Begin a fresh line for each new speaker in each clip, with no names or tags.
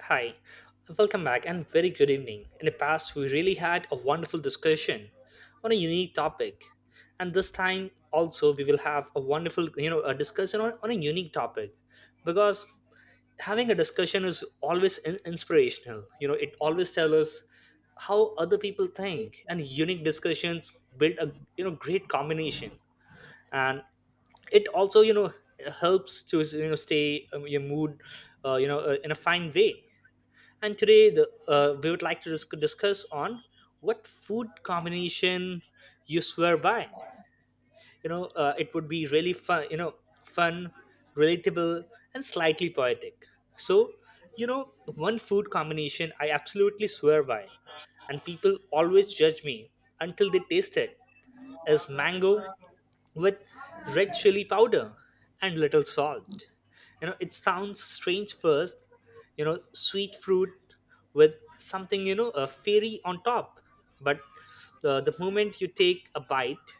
Hi, welcome back and very good evening. In the past, we really had a wonderful discussion on a unique topic. And this time also we will have a wonderful, a discussion on a unique topic because having a discussion is always inspirational. You know, it always tells us how other people think, and unique discussions build a, great combination. And it also, you know, helps to, stay your mood, in a fine way. And today, we would like to discuss on what food combination you swear by. You know, it would be really fun. You know, fun, relatable, and slightly poetic. So, you know, one food combination I absolutely swear by, and people always judge me until they taste it, is mango with red chili powder and little salt. You know, it sounds strange first, you know, sweet fruit with something, you know, a fairy on top. But the moment you take a bite,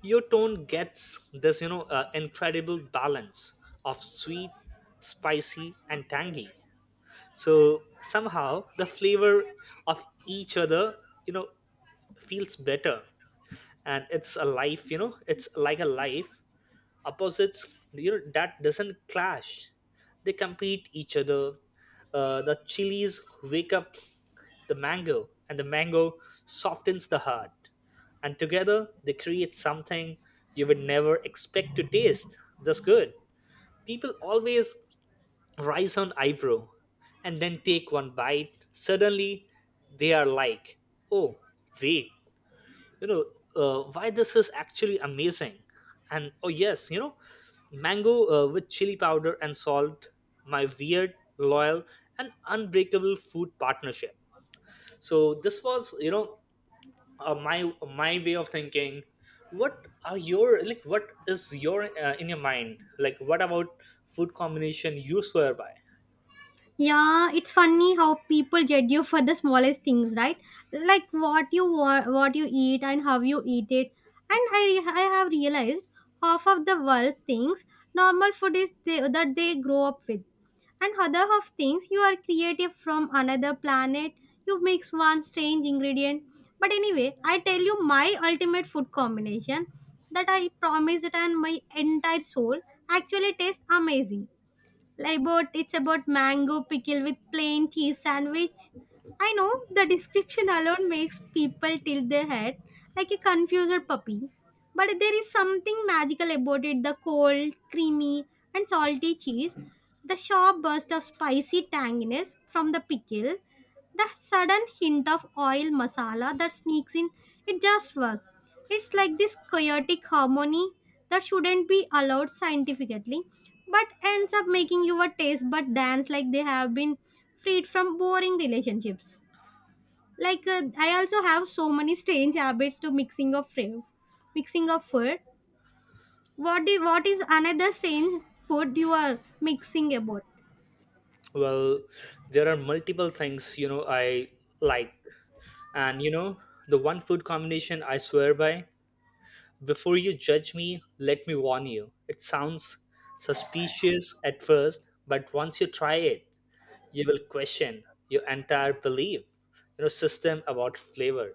your tone gets this, incredible balance of sweet, spicy, and tangy. So somehow the flavor of each other, you know, feels better. And it's a life, you know, it's like a life opposites, you know, that doesn't clash, they compete each other. The chilies wake up the mango, and the mango softens the heart, and together they create something you would never expect to taste, that's good. People always rise on eyebrow, and then take one bite, suddenly they are like, oh, wait, you know, why this is actually amazing. And oh yes, you know, mango with chili powder and salt, my weird loyal and unbreakable food partnership. So this was, you know, my way of thinking. What are your, like, what is your, in your mind, like, what about food combination you swear by?
Yeah, it's funny how people judge you for the smallest things, right? Like what you eat and how you eat it. And I have realized half of the world thinks normal food is that they grow up with, and other half thinks you are creative from another planet. You mix one strange ingredient. But anyway, I tell you my ultimate food combination that I promised and my entire soul actually tastes amazing. I bought it's about mango pickle with plain cheese sandwich. I know the description alone makes people tilt their head like a confused puppy. But there is something magical about it: the cold, creamy, and salty cheese, the sharp burst of spicy tanginess from the pickle, the sudden hint of oil masala that sneaks in. It just works. It's like this chaotic harmony that shouldn't be allowed scientifically, but ends up making your taste but dance like they have been freed from boring relationships. Like, I also have so many strange habits to mixing of food. mixing of food. What do, what is another strange food you are mixing about?
Well, there are multiple things, you know, I like, and you know, the one food combination I swear by. Before you judge me, let me warn you. It sounds suspicious at first, but once you try it, you will question your entire belief, you know, system about flavor.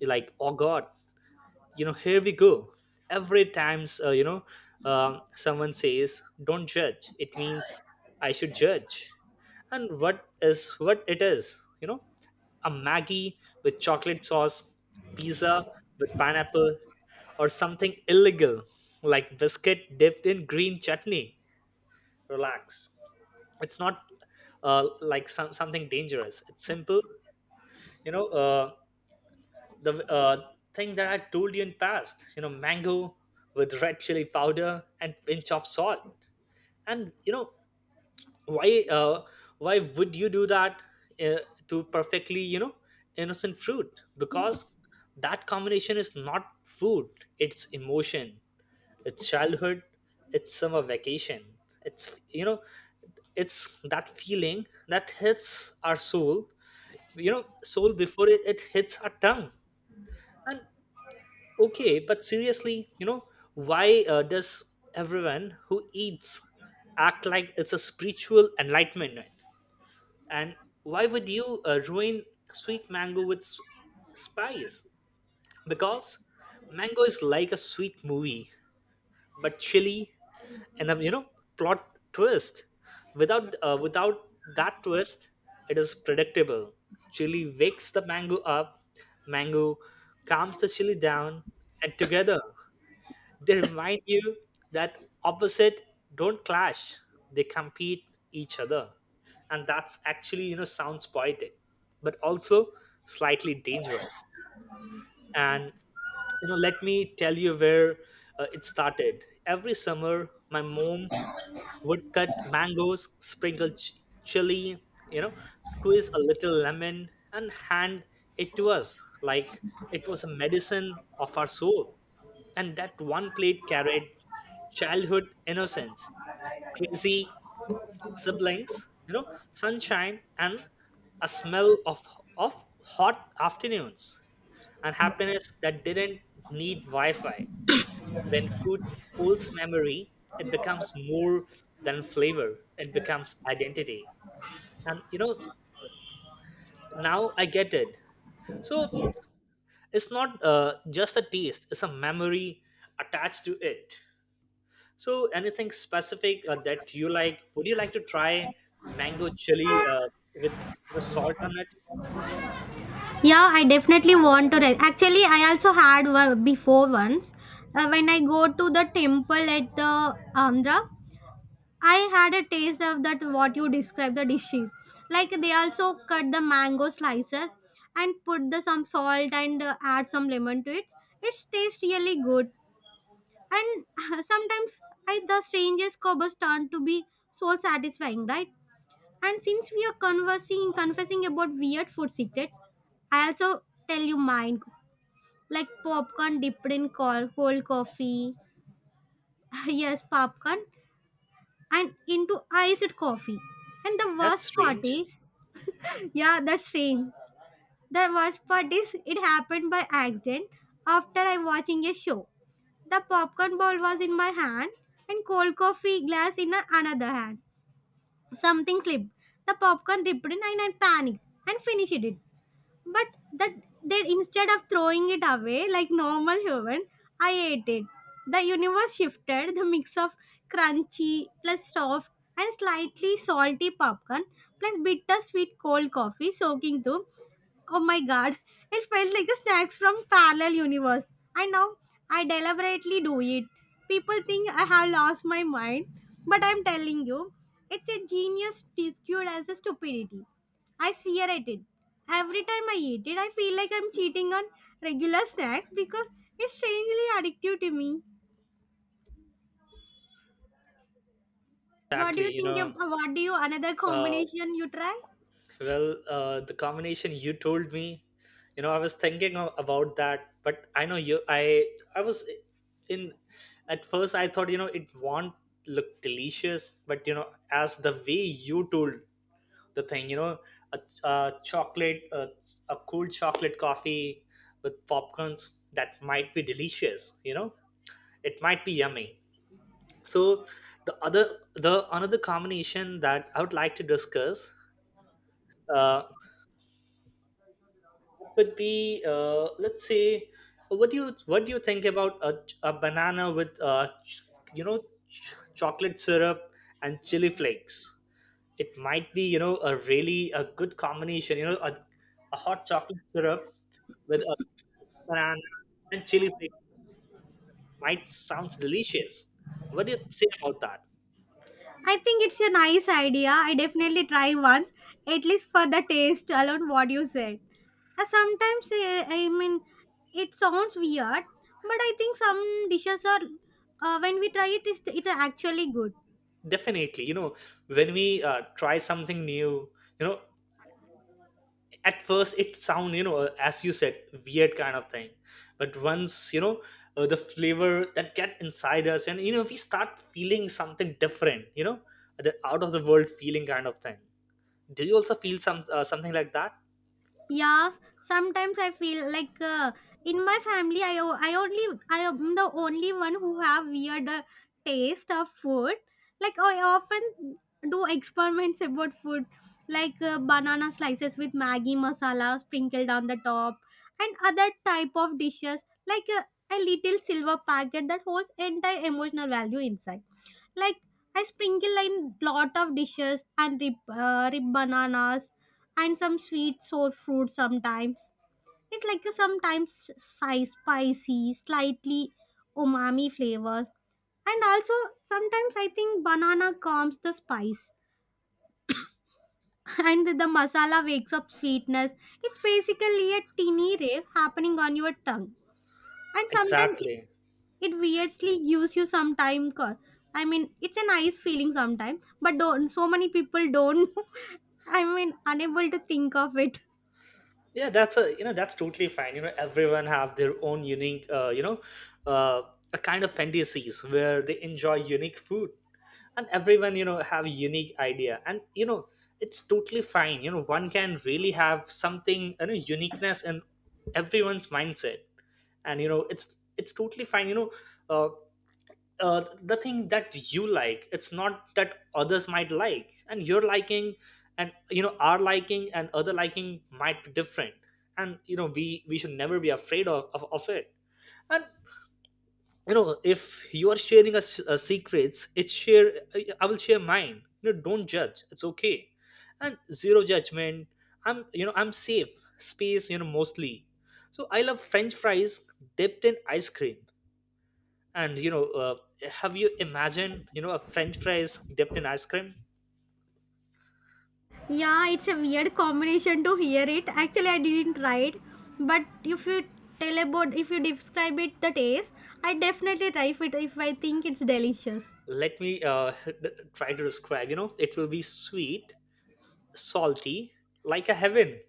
You're like, oh God, you know, here we go. Every times, someone says, "Don't judge," it means I should judge, and what is what it is, you know, a Maggie with chocolate sauce, pizza with pineapple, or something illegal like biscuit dipped in green chutney. Relax. It's not like something dangerous. It's simple. You know, the thing that I told you in past, you know, mango with red chili powder and pinch of salt. And, you know, why uh, why would you do that, uh, to perfectly, you know, innocent fruit, because that combination is not food, it's emotion, it's childhood, it's summer vacation, it's, you know, it's that feeling that hits our soul, you know, soul before it hits our tongue. And okay, but seriously, you know, why does everyone who eats act like it's a spiritual enlightenment? And why would you ruin sweet mango with spice? Because mango is like a sweet movie, but chili and a, plot twist. Without that twist, it is predictable. Chili wakes the mango up, mango calms the chili down, and together they remind you that opposite don't clash, they compete each other. And that's actually, you know, sounds poetic, but also slightly dangerous. And you know, let me tell you where it started. Every summer my mom woodcut mangoes, sprinkle chili, you know, squeeze a little lemon and hand it to us like it was a medicine of our soul. And that one plate carried childhood innocence, crazy siblings, you know, sunshine and a smell of of hot afternoons, and happiness that didn't need Wi-Fi. When food holds memory, it becomes more than flavor, it becomes identity. And you know, now I get it. So it's not, just a taste, it's a memory attached to it. So anything specific, that you like, would you like to try mango chili with the salt on it?
Yeah, I definitely want to. Actually, I also had one before once when I go to the temple at the Andhra. I had a taste of that what you described the dishes. Like they also cut the mango slices and put the some salt and add some lemon to it. It tastes really good. And sometimes I the strangest cobbles turn to be so satisfying, right? And since we are conversing confessing about weird food secrets, I also tell you mine. Like popcorn dipped in cold coffee. Yes, popcorn and into iced coffee. And the
That's
worst part
strange.
is, yeah, that's strange. The worst part is it happened by accident after I watching a show. The popcorn ball was in my hand and cold coffee glass in another hand. Something slipped. The popcorn ripped in and I panicked and finished it, but that they, instead of throwing it away like normal human, I ate it. The universe shifted the mix of crunchy plus soft and slightly salty popcorn plus bitter sweet cold coffee soaking through. Oh my god, it felt like a snacks from parallel universe. I know I deliberately do it. People think I have lost my mind, but I'm telling you, it's a genius disguised as a stupidity. I swear I did. Every time I eat it, I feel like I'm cheating on regular snacks because it's strangely addictive to me. What do
Exactly,
you
you
think
know.
of? What do you, another
uh,
combination you try?
Well, the combination you told me, you know, I was thinking of, about that, but I know you. I was in at first. I thought, you know, it won't look delicious, but you know, as the way you told the thing, you know, a, a chocolate, a cool chocolate coffee with popcorns that might be delicious. You know, it might be yummy. So the other, the another combination that I would like to discuss. uh, would be, let's say, what do you think about a banana with you know chocolate syrup and chili flakes? It might be, you know, a really a good combination, you know, a hot chocolate syrup with a banana and chili flakes might sounds delicious. What do you say about that?
I think it's a nice idea. I definitely try once, at least for the taste alone. What you said. Sometimes I mean, it sounds weird, but I think some dishes are when we try it, it is actually good.
Definitely, you know, when we try something new, you know, at first it sound, you know, as you said, weird kind of thing. But once, you know, the flavor that get inside us, and you know, we start feeling something different, you know, the out of the world feeling kind of thing. Do you also feel something like that?
Yeah, sometimes I feel like in my family, I am the only one who have weird taste of food. Like I often do experiments about food, like banana slices with Maggi masala sprinkled on the top, and other type of dishes like a little silver packet that holds entire emotional value inside. Like I sprinkle in lot of dishes and rib bananas and some sweet sour fruit sometimes. It's like a sometimes spicy, slightly umami flavor. And also sometimes I think banana calms the spice and the masala wakes up sweetness. It's basically a teeny rave happening on your tongue. And sometimes it,
Exactly.
it weirdly gives you some time. I mean, it's a nice feeling sometimes, but don't, so many people don't. I mean, unable to think of it.
Yeah, that's a you know that's totally fine, you know, everyone have their own unique, uh, a kind of fantasies where they enjoy unique food. And everyone, you know, have a unique idea, and you know, it's totally fine, you know, one can really have something, you know, uniqueness in everyone's mindset. And you know, it's totally fine, you know, uh, the thing that you like, it's not that others might like, and your liking and, you know, our liking and other liking might be different. And you know, we should never be afraid of it. And you know, if you are sharing a secrets, it's share, I will share mine, you know, don't judge, it's okay, and zero judgment. I'm safe space, you know, mostly. So I love french fries dipped in ice cream. And you know, have you imagined, you know, a french fries dipped in ice cream?
Yeah, it's a weird combination to hear it. Actually, I didn't try it, but if you tell about, if you describe it, the taste, I definitely try it if I think it's delicious.
Let me try to describe, you know, it will be sweet, salty, like a heaven.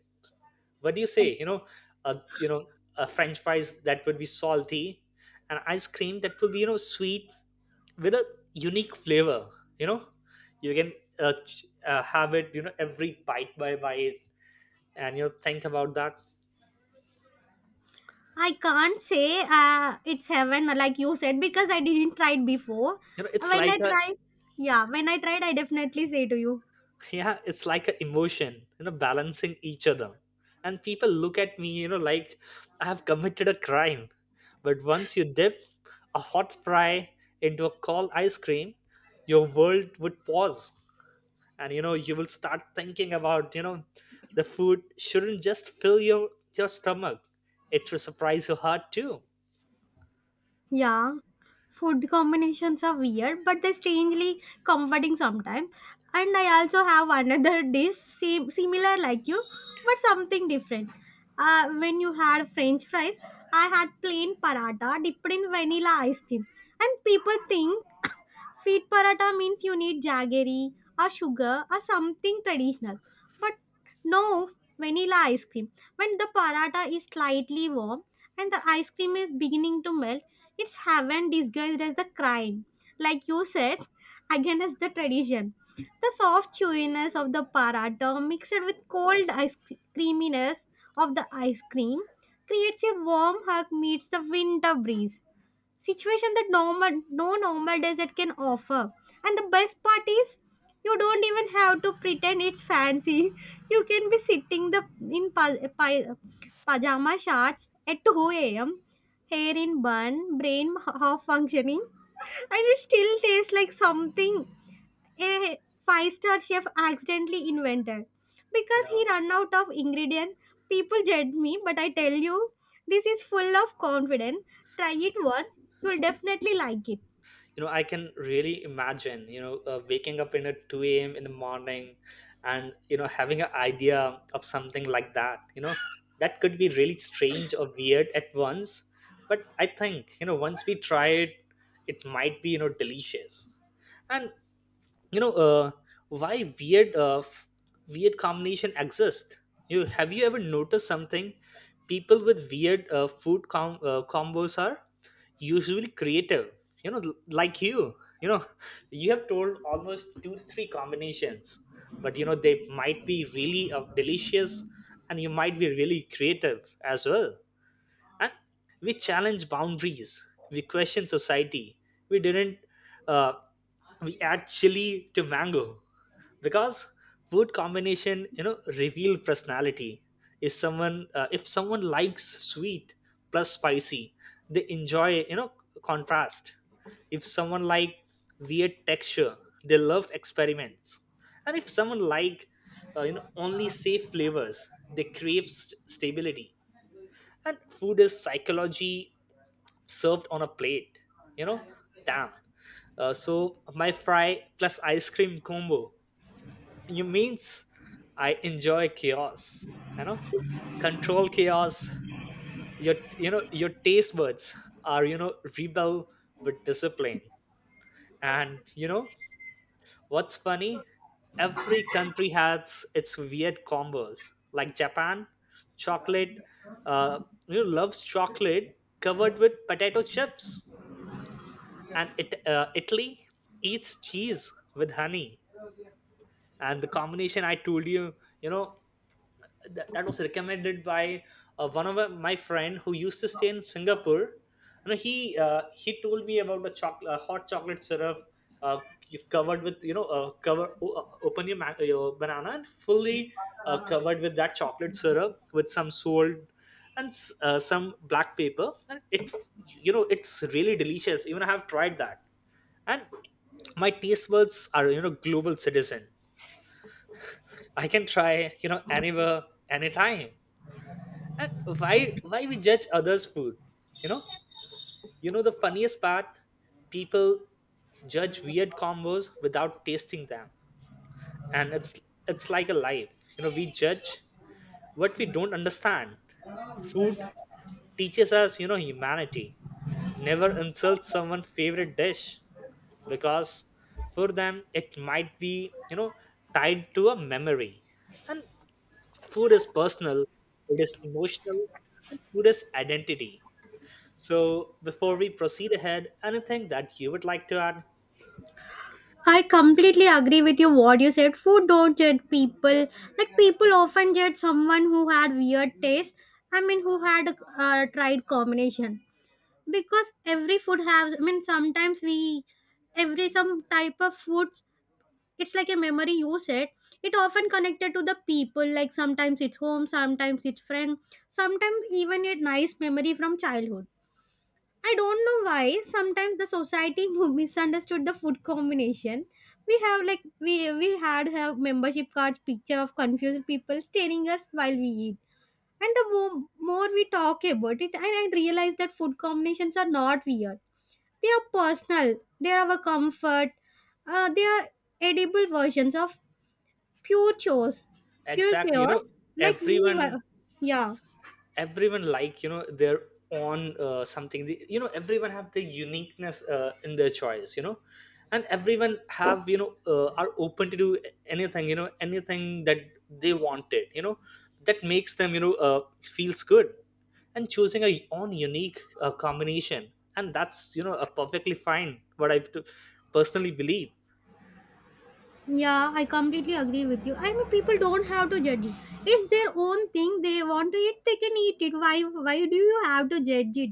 What do you
Like
say, you know? A, you know, a french fries that would be salty, and ice cream that would be, you know, sweet, with a unique flavor, you know. You can have it, you know, every bite by bite, and you know, think about that.
I can't say it's heaven like you said because I didn't try it before.
You know, it's
When
like
I
a
tried, yeah, when I tried, I definitely say to you.
yeah, it's like an emotion, you know, balancing each other. And people look at me, you know, like I have committed a crime. But once you dip a hot fry into a cold ice cream, your world would pause, and you know, you will start thinking about, you know, the food shouldn't just fill your stomach, it will surprise your heart too.
Yeah, food combinations are weird, but they're strangely comforting sometimes. And I also have another dish same, similar like you, but something different. When you had French fries, I had plain paratha dipped in vanilla ice cream, and people think sweet paratha means you need jaggery or sugar or something traditional. But no vanilla ice cream. When the paratha is slightly warm and the ice cream is beginning to melt, it's heaven disguised as the crime. Like you said, again as the tradition. The soft chewiness of the paratha mixed with cold creaminess of the ice cream creates a warm hug meets the winter breeze situation that normal no normal desert can offer. And the best part is you don't even have to pretend it's fancy. You can be sitting the in pajama shorts at 2 a.m., hair in bun, brain half functioning, and it still tastes like something a five-star chef accidentally invented
you
because he
know
ran out of ingredient. People judge me, but I tell you, this is full of confidence. Try it once, you'll definitely like it.
you know, I can really imagine, you know, waking up in at 2 a.m. in the morning, and you know, having an idea of something like that, you know, that could be really strange or weird at once. But I think, you know, once we try it, it might be, you know, delicious. And you know, why weird weird combination exist? You Have you ever noticed something? People with weird, food combos are usually creative, you know, like you know. You have told almost two to three combinations, but you know they might be really, delicious, and you might be really creative as well. And we challenge boundaries, we question society, we didn't uh, we add chili to mango, because food combination, you know, reveal personality. If someone likes sweet plus spicy, they enjoy, you know, contrast. If someone like weird texture, they love experiments. And if someone like, only safe flavors, they crave stability. And food is psychology served on a plate. You know, damn, so my fry plus ice cream combo. You means I enjoy chaos. You know, control chaos. Your taste buds are, rebel with discipline. And you know, what's funny? Every country has its weird combos. Like Japan, chocolate. Uh, loves chocolate covered with potato chips, and it Italy eats cheese with honey. And the combination I told you you know that was recommended by one of my friend who used to stay in Singapore. He told me about the chocolate hot chocolate syrup. uh, you've covered with open your banana and fully covered with that chocolate syrup with some salt and some black pepper. And it you know it's really delicious. Even I have tried that. And my taste buds are global citizen. I can try anywhere, anytime. And why we judge others' food? You know? You know the funniest part? People judge weird combos without tasting them. And it's like a life. We judge what we don't understand. Food teaches us, humanity. Never insult someone's favorite dish because for them it might be, tied to a memory. And food is personal, food is emotional, and food is identity. So, before we proceed ahead, anything that you would like to add?
I completely agree with you what you said. Food don't judge people. Like people often judge someone who had weird taste. I mean, who had tried combination because every food has. I mean, sometimes we every some type of food, it's like a memory you said. It often connected to the people, like sometimes it's home, sometimes it's friend, sometimes even a nice memory from childhood. I don't know why sometimes the society misunderstood the food combination we have. Like we had have membership cards, picture of confused people staring us while we eat. And the more we talk about it, and I realize that food combinations are not weird. They are personal, they are our comfort. They are edible versions of pure chaos, pure
Exactly.
chaos. Like we
Everyone
were, yeah,
everyone like their own something everyone have the uniqueness in their choice. And everyone have are open to do anything anything that they wanted that makes them feels good. And choosing a own unique combination, and that's a perfectly fine what I to personally believe.
yeah. I completely agree with you. I mean, people don't have to judge it. It's their own thing. They want to eat, they can eat it. Why do you have to judge it?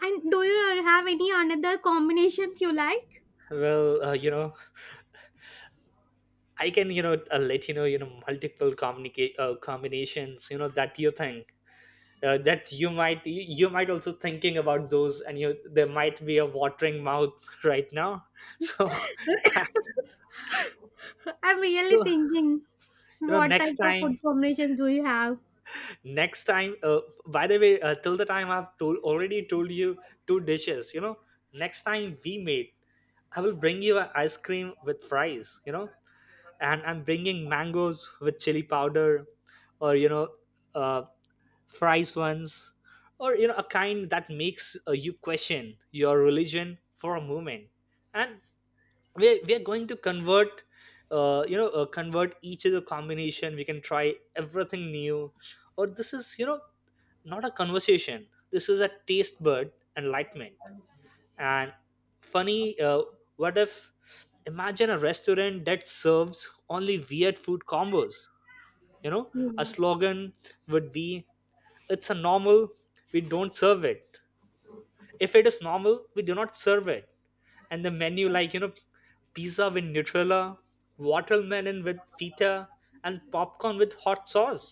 And do you have any another combinations you like?
Well, I can, let you know, multiple communicate combinations, that you think that you might also thinking about those, and you there might be a watering mouth right now. So,
I'm really thinking, what
next
type of
time,
food combinations do you have?
next time. By the way, till the time I've told already told you two dishes. Next time we meet, I will bring you an ice cream with fries. And I'm bringing mangoes with chili powder, or you know. Uh, Fries ones or you know a kind that makes you question your religion for a moment. And we're going to convert convert each other combination. We can try everything new, or this is not a conversation, this is a taste bud enlightenment. And funny what if, imagine a restaurant that serves only weird food combos you know a
Yeah,
slogan would be, it's a normal, we don't serve it. If it is normal, we do not serve it. And the menu, like pizza with Nutella, watermelon with feta, and popcorn with hot sauce.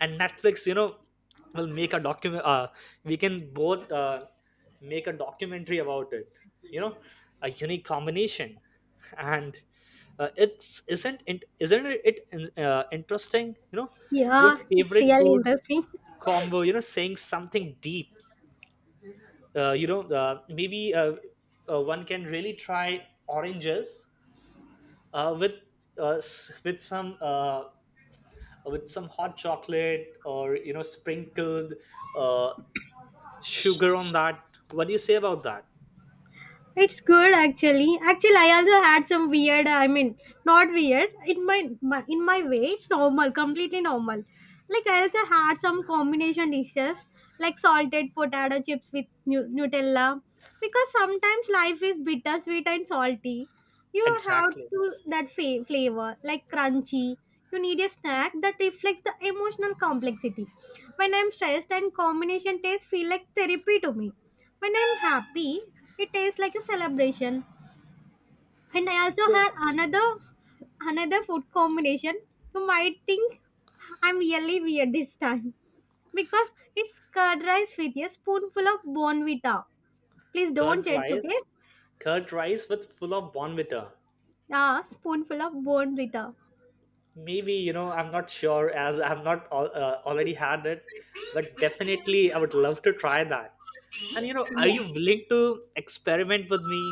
And Netflix will make a document, we can both make a documentary about it you know a unique combination. And it's isn't it interesting? Your
yeah. It's
favorite
really
food
interesting.
combo, saying something deep. Maybe one can really try oranges, with uh, s- with some uh, some hot chocolate, or sprinkled uh, sugar on that. What do you say about that?
It's good actually. Actually, I also had some weird. I mean, not weird. In my way, it's normal, completely normal. Like I also had some combination dishes like salted potato chips with Nutella, because sometimes life is bittersweet and salty. You have
Exactly.
to that flavor like crunchy. You need a snack that reflects the emotional complexity. When I'm stressed, and combination tastes feel like therapy to me. When I'm happy, it tastes like a celebration. And I also
So,
had another food combination. You might think I'm really weird this time because it's curd rice with a spoonful of bonvita. Please don't
curd
judge, okay?
rice. Curd rice with full of Bonvita.
Ah, spoonful of bonvita.
Maybe I'm not sure as I've not already had it, but definitely I would love to try that. And are you
Yeah,
willing to experiment with me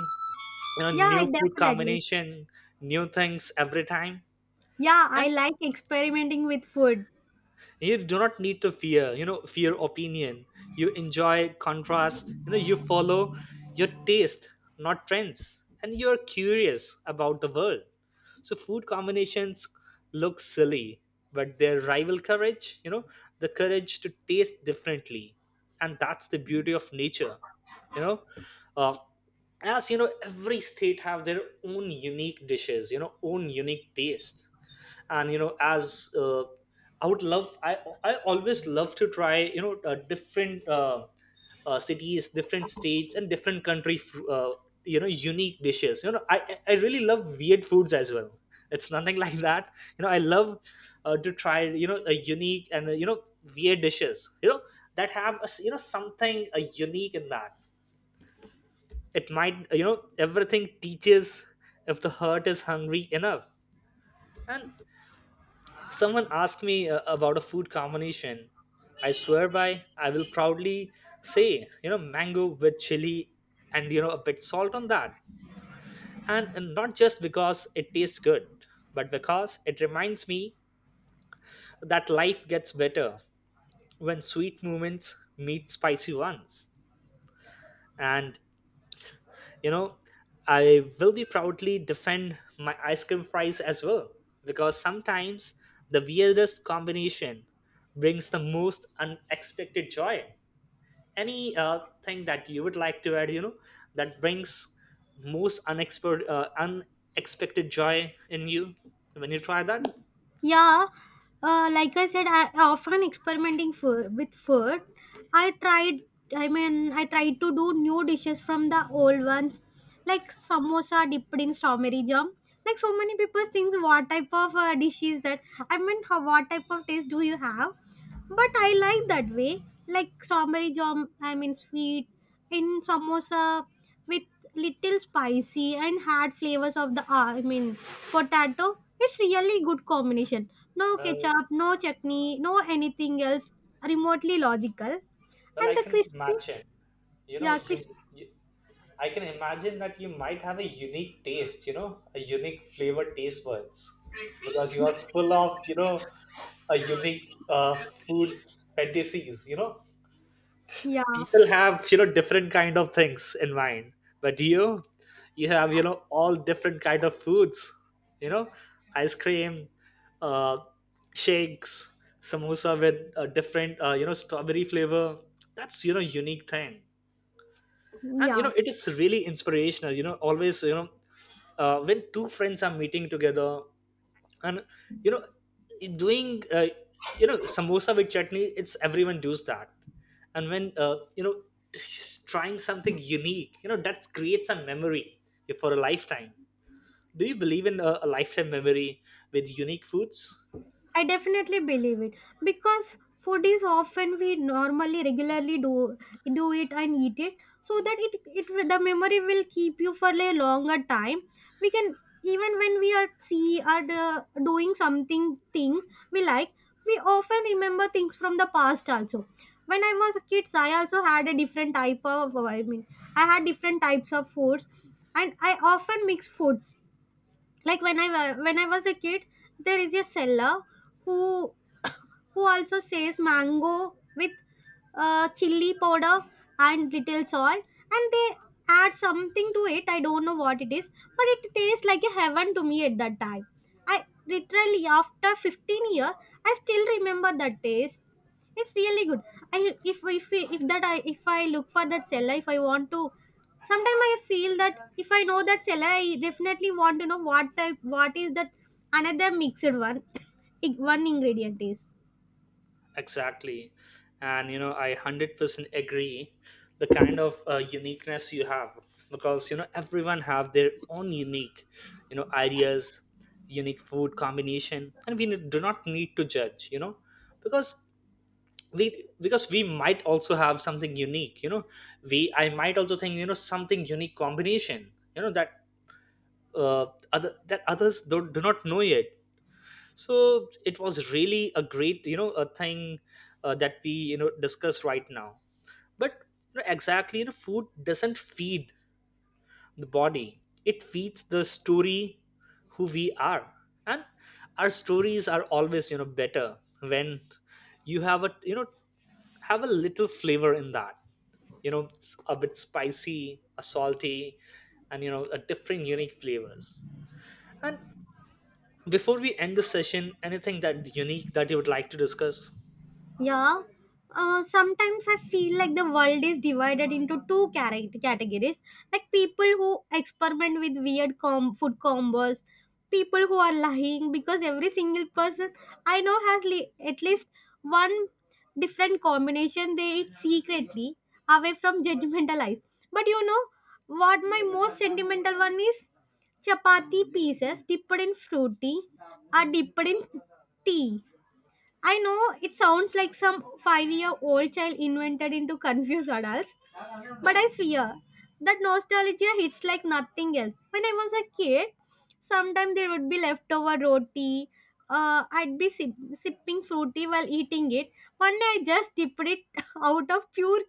you know
yeah, I
new food
definitely.
combination, new things every time?
Yeah, I
And
like experimenting with food.
you do not need to fear opinion. You enjoy contrast, you follow your taste, not trends, and you're curious about the world. So food combinations look silly, but their rival courage, the courage to taste differently. And that's the beauty of nature you know uh, as you know, every state have their own unique dishes, own unique taste. And as I would love, I always love to try different cities, different states, and different country unique dishes. I really love weird foods as well. It's nothing like that. I love to try, a unique and weird dishes, that have a s you know something unique in that. It might, everything teaches, if the heart is hungry enough. And someone asked me about a food combination, I swear by, I will proudly say, mango with chili and a bit salt on that. And not just because it tastes good, but because it reminds me that life gets better when sweet moments meet spicy ones. And you know I will be proudly defend my ice cream fries as well, because sometimes the weirdest combination brings the most unexpected joy. Any thing that you would like to add, that brings most unexpected joy in you when you try that?
Yeah, like I said, I often experimenting with food. I tried. I mean, I tried to do new dishes from the old ones, like samosa dipped in strawberry jam. Like so many people think, what type of dish is that? I mean, how, what type of taste do you have? But I like that way, like strawberry jam. I mean sweet in samosa with little spicy and hard flavors of the I mean potato. It's really good combination. No
well
ketchup, no chutney, no anything else remotely logical,
well I
and the
can
crispy,
imagine you know
yeah,
you,
crisp,
you I can imagine that you might have a unique taste, a unique flavor taste buds, because you are full of, a unique food fantasies.
yeah,
People have, different kind of things in mind, but you have, all different kind of foods. You know, Ice cream, uh, shakes, samosa with a different, strawberry flavor. That's unique thing. And
yeah.
it is really inspirational, always, when two friends are meeting together and you know doing samosa with chutney, it's everyone does that. And when trying something unique, that creates a memory for a lifetime. Do you believe in a lifetime memory with unique foods?
I definitely believe it because food is often we normally regularly do it and eat it so that the memory will keep you for a longer time. We can, even when we are see are doing something things we like, we often remember things from the past also. When I was kids, I also had a different type of I mean I had different types of foods, and I often mix foods like when I was a kid, there is a seller who who also says mango with chili powder and little salt, and they add something to it, I don't know what it is, but it tastes like a heaven to me at that time. I literally after 15 year I still remember that taste. It's really good. I, if if if that I, if I look for that seller, if I want to, sometimes I feel that if I know that seller, I definitely want to know what type, what is that another mixed one one ingredient is.
Exactly. And I 100% agree the kind of uniqueness you have, because everyone have their own unique ideas, unique food combination, and we do not need to judge, because we might also have something unique. We I might also think, something unique combination, that uh, others don't do not know yet. So it was really a great a thing that we discuss right now. But exactly food doesn't feed the body, it feeds the story who we are. And our stories are always better when you have a little flavor in that. A bit spicy, a salty, and a different unique flavors. And. Before we end the session, anything that unique that you would like to discuss?
Yeah. Sometimes I feel like the world is divided into two character categories, like people who experiment with weird food combos, people who are lying because every single person I know has at least one different combination they eat secretly away from judgmental eyes. But you know what my most sentimental one is? Chapati pieces dipped in fruity are dipped in tea. I know it sounds like some 5-year-old child invented into confused adults, but I swear that nostalgia hits like nothing else. When I was a kid, sometimes there would be leftover roti. I'd be sipping fruity while eating it. One day I just dipped it out of pure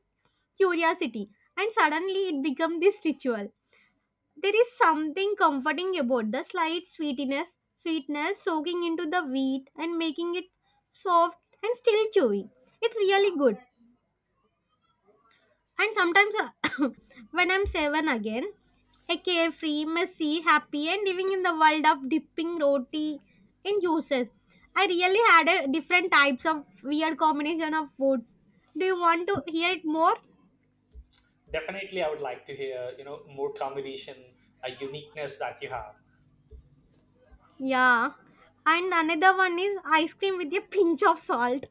curiosity, and suddenly it became this ritual. There is something comforting about the slight sweetness soaking into the wheat and making it soft and still chewy. It's really good. And sometimes when I'm seven again, a carefree, messy, happy, and living in the world of dipping roti in juices. I really had a different types of weird combination of foods. Do you want to hear it more?
Definitely, I would like to hear, more combination, a uniqueness that you have.
Yeah. And another one is ice cream with a pinch of salt.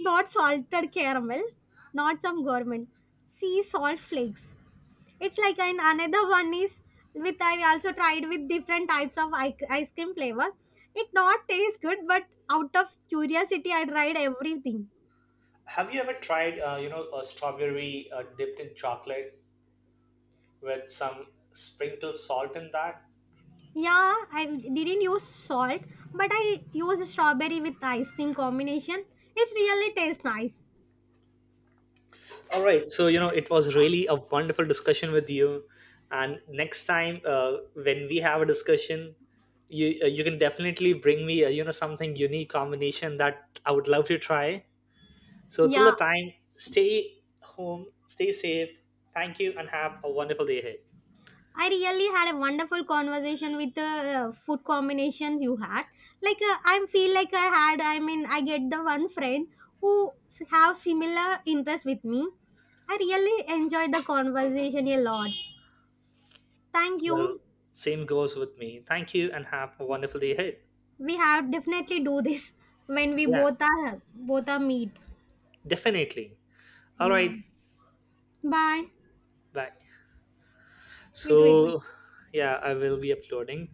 Not salted caramel, not some gourmet. Sea salt flakes. It's like an another one is with I also tried with different types of ice cream flavors. It not taste good, but out of curiosity, I tried everything.
Have you ever tried, a strawberry dipped in chocolate with some sprinkled salt in that?
Yeah, I didn't use salt, but I used strawberry with ice cream combination. It really tastes nice.
All right. So, it was really a wonderful discussion with you. And next time, when we have a discussion, you can definitely bring me, something unique combination that I would love to try. So, till the
Yeah,
time, stay home, stay safe. Thank you and have a wonderful day ahead.
I really had a wonderful conversation with the food combinations you had. Like, I feel like I had. I mean, I get the one friend who have similar interests with me. I really enjoyed the conversation a lot. Thank
Well,
you.
same goes with me. Thank you and have a wonderful day ahead.
We have definitely do this when we
Yeah,
both are meet.
definitely. All
Yeah.
right,
Bye.
bye.
Wait, wait, wait.
So, yeah, I will be uploading.